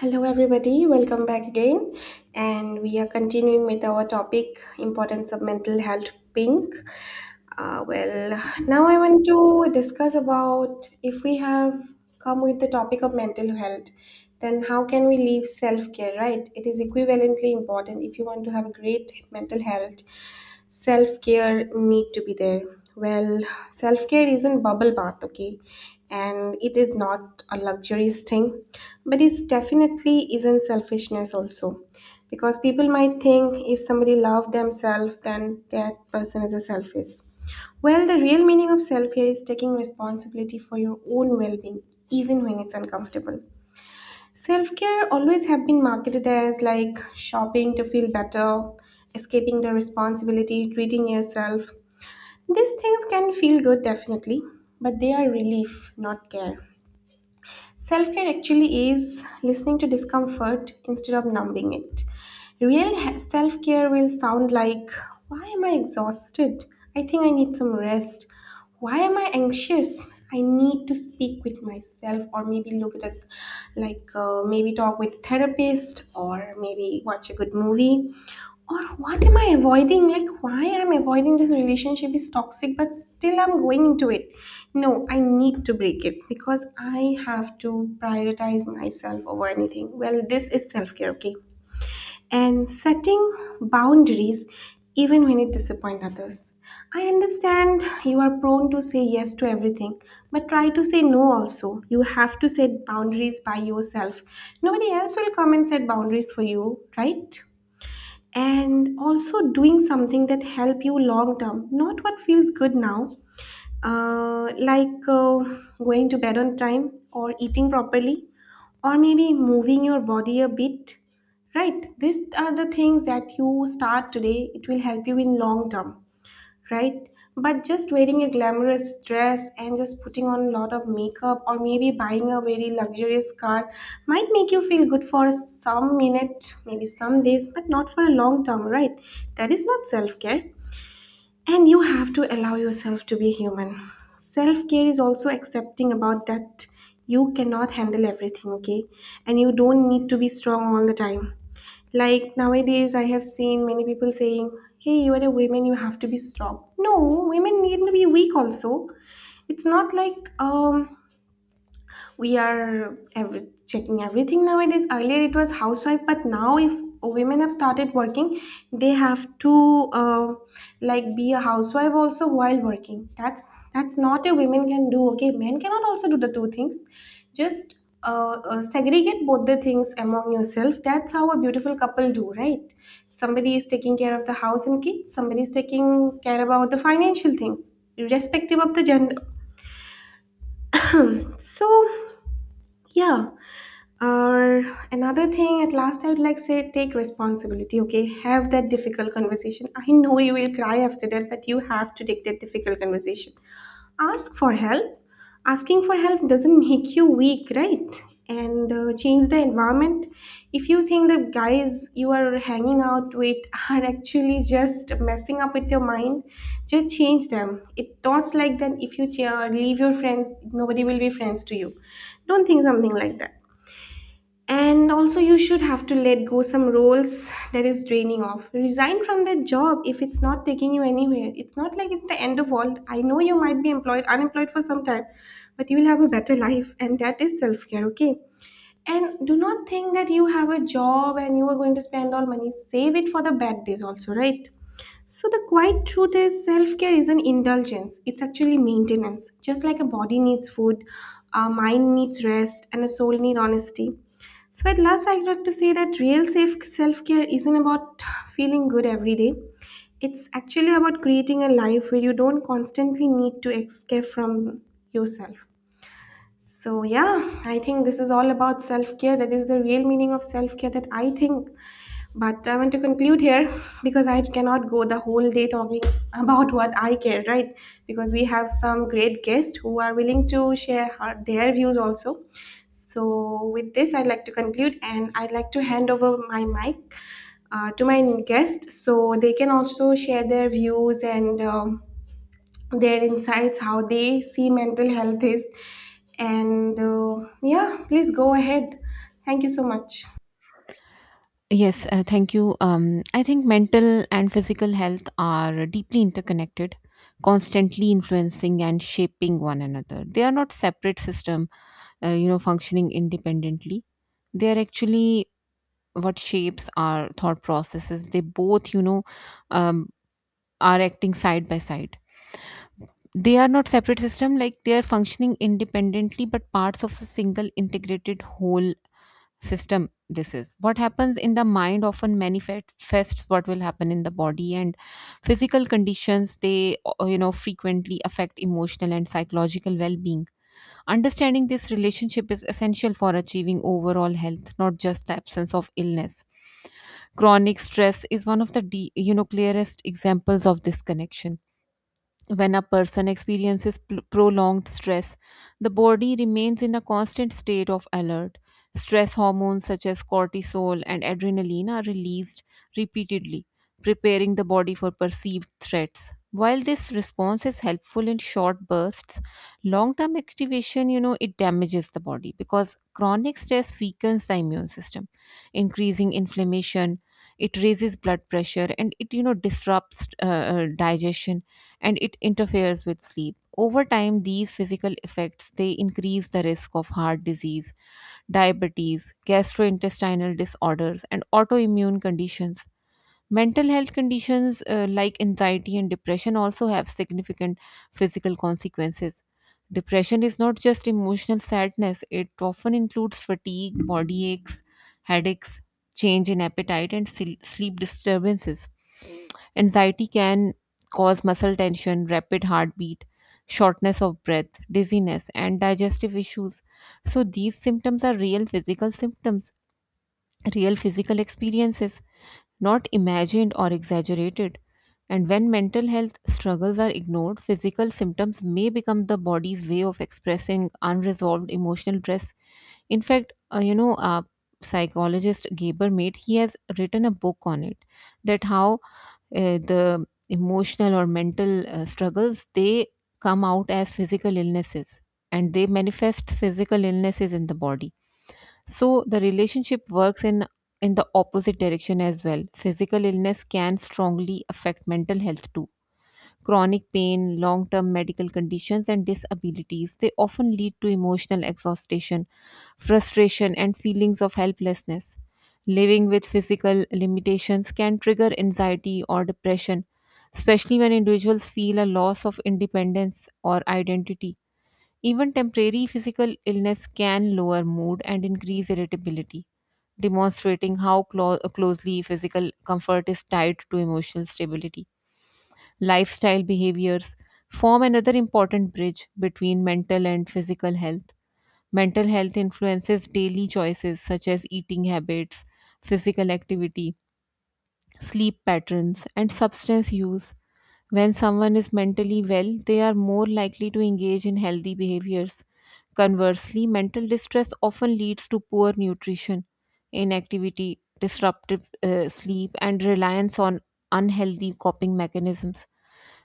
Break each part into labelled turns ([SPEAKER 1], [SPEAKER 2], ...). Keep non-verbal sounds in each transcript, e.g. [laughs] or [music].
[SPEAKER 1] Hello, everybody. Welcome back again, and we are continuing with our topic importance of mental health. Pink. Now I want to discuss about if we have come with the topic of mental health, then how can we leave self care, right? It is equivalently important if you want to have a great mental health, self care need to be there. Well, self care isn't bubble bath, okay? And it is not a luxurious thing, but it's definitely isn't selfishness also. Because people might think if somebody love themselves, then that person is a selfish well, the real meaning of self care is taking responsibility for your own well being, even when it's uncomfortable. Self care always have been marketed as like shopping to feel better, escaping the responsibility, treating yourself. These things can feel good, definitely, but they are relief, not care. Self care actually is listening to discomfort instead of numbing it. Real self care will sound like, why am I exhausted? I think I need some rest. Why am I anxious? I need to speak with myself, or maybe look at maybe talk with a therapist, or maybe watch a good movie or what am I avoiding, like why I'm avoiding this relationship is toxic but still I'm going into it. No, I need to break it because I have to prioritize myself over anything. Well, this is self-care, okay? And setting boundaries even when it disappoint others. I understand you are prone to say yes to everything, but try to say no also. You have to set boundaries by yourself. Nobody else will come and set boundaries for you, right? And also doing something that help you long term, not what feels good now. uh, like uh, Going to bed on time or eating properly or maybe moving your body a bit, right? These are the things that you start today, it will help you in long term, right? But just wearing a glamorous dress and just putting on a lot of makeup or maybe buying a very luxurious car might make you feel good for some minute, maybe some days, but not for a long term, right? That is not self care. And you have to allow yourself to be human. Self care is also accepting about that you cannot handle everything, okay? And you don't need to be strong all the time, like nowadays, I have seen many people saying, hey, you are a woman, you have to be strong. No, women need to be weak also. It's not like we are every, checking everything nowadays. Earlier it was housewife, but now if women have started working, they have to like be a housewife also while working. That's not a women can do, okay? Men cannot also do the two things. Just segregate both the things among yourself. That's how a beautiful couple do, right? Somebody is taking care of the house and kids, somebody is taking care about the financial things, irrespective of the gender. So, yeah. Or another thing, at last, I would like say take responsibility. Okay, have that difficult conversation. I know you will cry after that, but you have to take that difficult conversation. Ask for help. Asking for help doesn't make you weak, right? And change the environment. If you think the guys you are hanging out with [laughs] are actually just messing up with your mind, just change them. It thoughts like that. If you ch- leave your friends, nobody will be friends to you. Don't think something like that. And also, you should have to let go some roles that is draining off. Resign from that job if it's not taking you anywhere. It's not like it's the end of world. I know you might be unemployed for some time, but you will have a better life, and that is self care. Okay. And do not think that you have a job and you are going to spend all money. Save it for the bad days also, right? So, the quiet truth is self care isn't indulgence, it's actually maintenance. Just like a body needs food, a mind needs rest, and a soul needs honesty. So, at last, I'd like to say that real self care isn't about feeling good every day. It's actually about creating a life where you don't constantly need to escape from yourself. So, yeah, I think this is all about self care. That is the real meaning of self care that I think, but I want to conclude here because I cannot go the whole day talking [laughs] about what I care, right? Because we have some great guests who are willing to share their views also. So, with this, I'd like to conclude and I'd like to hand over my mic to my guest so they can also share their views and their insights, how they see mental health is. And yeah, please go ahead. Thank you so much.
[SPEAKER 2] Yes, thank you. I think mental and physical health are deeply interconnected, constantly influencing and shaping one another. They are not separate system, functioning independently. They are actually what shapes our thought processes. They both, um, are acting side by side. They are not separate system, like they are functioning independently, but parts of a single integrated whole system. This is what happens in the mind often manifests what will happen in the body, and physical conditions they frequently affect emotional and psychological well-being. Understanding this relationship is essential for achieving overall health, not just the absence of illness. Chronic stress is one of the clearest examples of this connection. When a person experiences prolonged stress, the body remains in a constant state of alert. Stress hormones such as cortisol and adrenaline are released repeatedly, preparing the body for perceived threats. While this response is helpful in short bursts, long-term activation, it damages the body, because chronic stress weakens the immune system, increasing inflammation. It raises blood pressure, and it, disrupts digestion, and it interferes with sleep. Over time, these physical effects they increase the risk of heart disease, diabetes, gastrointestinal disorders, and autoimmune conditions. Mental health conditions like anxiety and depression also have significant physical consequences. Depression is not just emotional sadness, it often includes fatigue, body aches, headaches, change in appetite, and sleep disturbances. Anxiety can cause muscle tension, rapid heartbeat, shortness of breath, dizziness, and digestive issues. So, these symptoms are real physical symptoms, real physical experiences, not imagined or exaggerated. And when mental health struggles are ignored, physical symptoms may become the body's way of expressing unresolved emotional stress. In fact, psychologist Gaber Mate, he has written a book on it, that how the emotional or mental struggles they come out as physical illnesses, and they manifest physical illnesses in the body. So the relationship works in the opposite direction as well. Physical illness can strongly affect mental health too. Chronic pain, long term medical conditions, and disabilities, they often lead to emotional exhaustion, frustration, and feelings of helplessness. Living with physical limitations can trigger anxiety or depression, especially when individuals feel a loss of independence or identity. Even temporary physical illness can lower mood and increase irritability, demonstrating how closely physical comfort is tied to emotional stability. Lifestyle behaviors form another important bridge between mental and physical health. Mental health influences daily choices such as eating habits, physical activity, sleep patterns, and substance use. When someone is mentally well, they are more likely to engage in healthy behaviors. Conversely, mental distress often leads to poor nutrition, inactivity, disruptive sleep, and reliance on unhealthy coping mechanisms.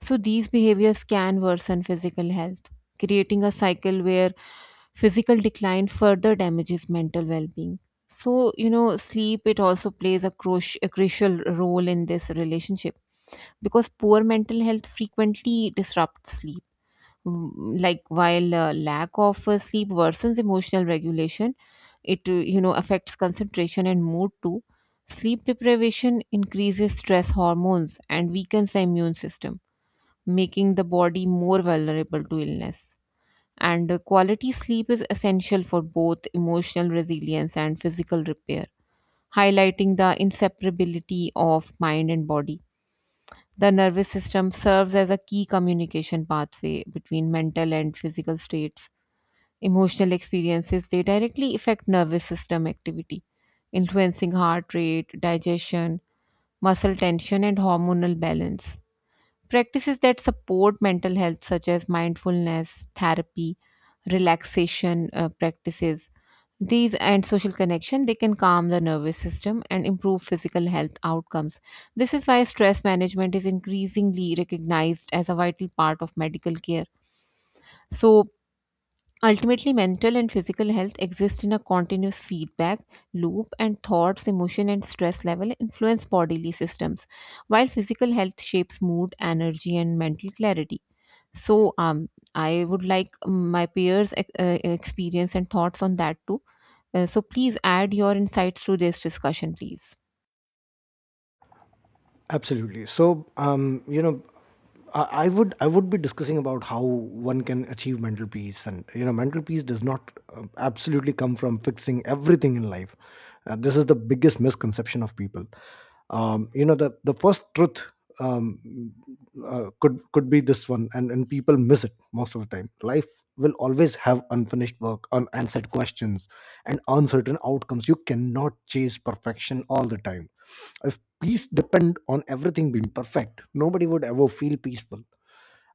[SPEAKER 2] So these behaviors can worsen physical health, creating a cycle where physical decline further damages mental well-being. So, sleep it also plays a crucial role in this relationship, because poor mental health frequently disrupts sleep. Like while lack of sleep worsens emotional regulation, it affects concentration and mood too. Sleep deprivation increases stress hormones and weakens the immune system, making the body more vulnerable to illness. And quality sleep is essential for both emotional resilience and physical repair, highlighting the inseparability of mind and body. The nervous system serves as a key communication pathway between mental and physical states. Emotional experiences they directly affect nervous system activity, influencing heart rate, digestion, muscle tension, and hormonal balance. Practices that support mental health, such as mindfulness, therapy, relaxation practices, these and social connection, they can calm the nervous system and improve physical health outcomes. This is why stress management is increasingly recognized as a vital part of medical care. So, ultimately, mental and physical health exist in a continuous feedback loop, and thoughts, emotion, and stress level influence bodily systems, while physical health shapes mood, energy, and mental clarity. So I would like my peers experience and thoughts on that too. So please add your insights to this discussion, please.
[SPEAKER 3] Absolutely. I would I would be discussing about how one can achieve mental peace, and you know, mental peace does not absolutely come from fixing everything in life. This is the biggest misconception of people. The first truth um, could be this one, and people miss it most of the time. Life will always have unfinished work, unanswered questions, and uncertain outcomes. You cannot chase perfection all the time. If peace depend on everything being perfect, nobody would ever feel peaceful.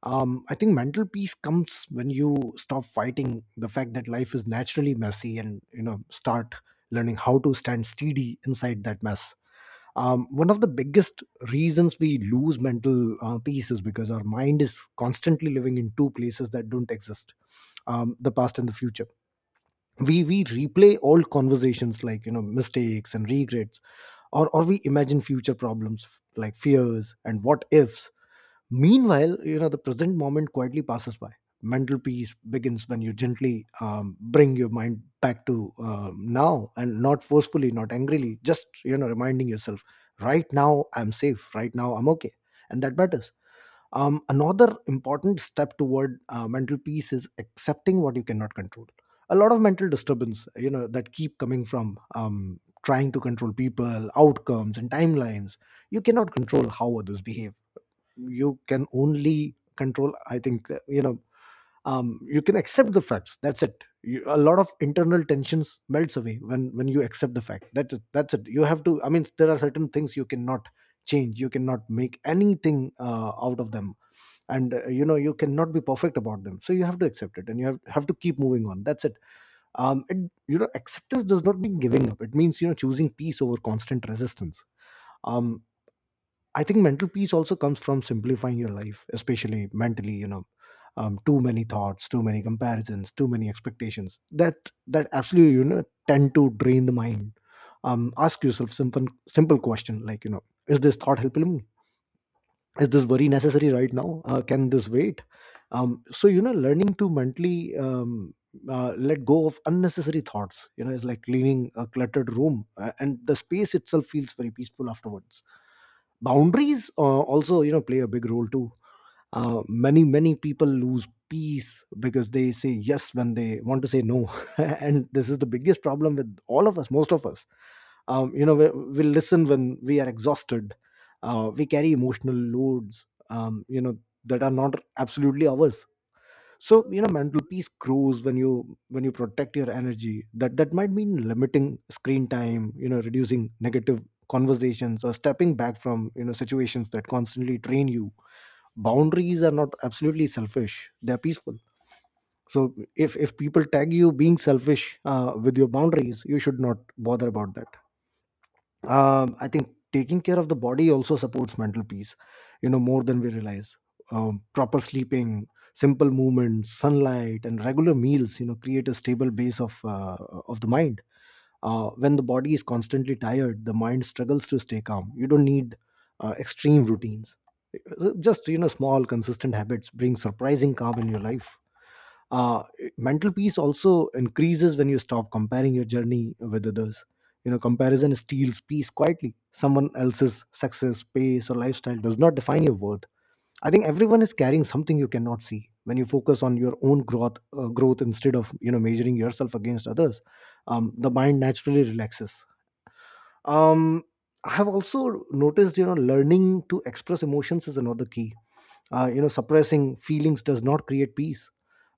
[SPEAKER 3] I think mental peace comes when you stop fighting the fact that life is naturally messy, and you know, start learning how to stand steady inside that mess. One of the biggest reasons we lose mental peace is because our mind is constantly living in two places that don't exist: the past and the future. We replay old conversations like you know mistakes and regrets, or we imagine future problems like fears and what ifs. Meanwhile, you know, the present moment quietly passes by. Mental peace begins when you gently bring your mind back to now, and not forcefully, not angrily, just, you know, reminding yourself, right now I'm safe, right now I'm okay. And that matters. Another important step toward mental peace is accepting what you cannot control. A lot of mental disturbance, you know, that keep coming from trying to control people, outcomes, and timelines. You cannot control how others behave. You can only control, I think, you can accept the facts, that's it. You, a lot of internal tensions melts away when you accept the fact that that's it. You have to, I mean, there are certain things you cannot change, you cannot make anything out of them. And you know, you cannot be perfect about them, so you have to accept it, and you have to keep moving on, that's it. um it, you know, acceptance does not mean giving up, it means you know choosing peace over constant resistance. um I think mental peace also comes from simplifying your life, especially mentally. You know, too many thoughts, too many comparisons, too many expectations. That absolutely you know tend to drain the mind. Ask yourself simple question, like you know, is this thought helping me? Is this very necessary right now, can this wait? So you know, learning to mentally let go of unnecessary thoughts, you know, is like cleaning a cluttered room, and the space itself feels very peaceful afterwards. Boundaries also, you know, play a big role too. Many people lose peace because they say yes when they want to say no, [laughs] and this is the biggest problem with all of us, most of us. You know, we listen when we are exhausted, we carry emotional loads, you know, that are not absolutely ours. So you know, mental peace grows when you protect your energy. That might mean limiting screen time, you know, reducing negative conversations, or stepping back from you know situations that constantly drain you. Boundaries are not absolutely selfish, they're peaceful. So if people tag you being selfish with your boundaries, you should not bother about that. I think taking care of the body also supports mental peace, you know, more than we realize. Proper sleeping, simple movements, sunlight, and regular meals, you know, create a stable base of the mind. When the body is constantly tired, the mind struggles to stay calm. You don't need extreme routines. Just you know, small consistent habits bring surprising calm in your life. uh, Mental peace also increases when you stop comparing your journey with others. You know, comparison steals peace quietly. Someone else's success, pace, or lifestyle does not define your worth. I think everyone is carrying something you cannot see. When you focus on your own growth, growth instead of you know measuring yourself against others, the mind naturally relaxes. Um, I have also noticed, you know, learning to express emotions is another key. You know, suppressing feelings does not create peace.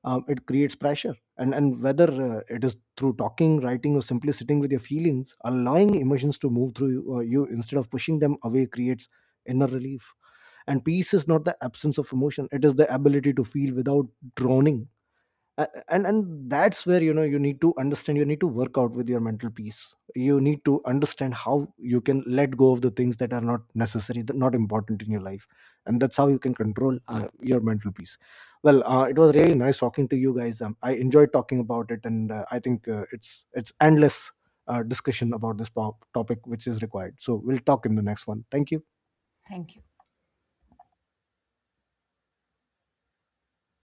[SPEAKER 3] It creates pressure, and whether it is through talking, writing, or simply sitting with your feelings, allowing emotions to move through you, instead of pushing them away creates inner relief. And peace is not the absence of emotion, it is the ability to feel without drowning. A- and that's where you know, you need to understand, you need to work out with your mental peace. You need to understand how you can let go of the things that are not necessary, that not important in your life. And that's how you can control your mental peace. Well, it was really nice talking to you guys. I enjoyed talking about it, and I think it's endless discussion about this topic, which is required, so we'll talk in the next one. Thank you.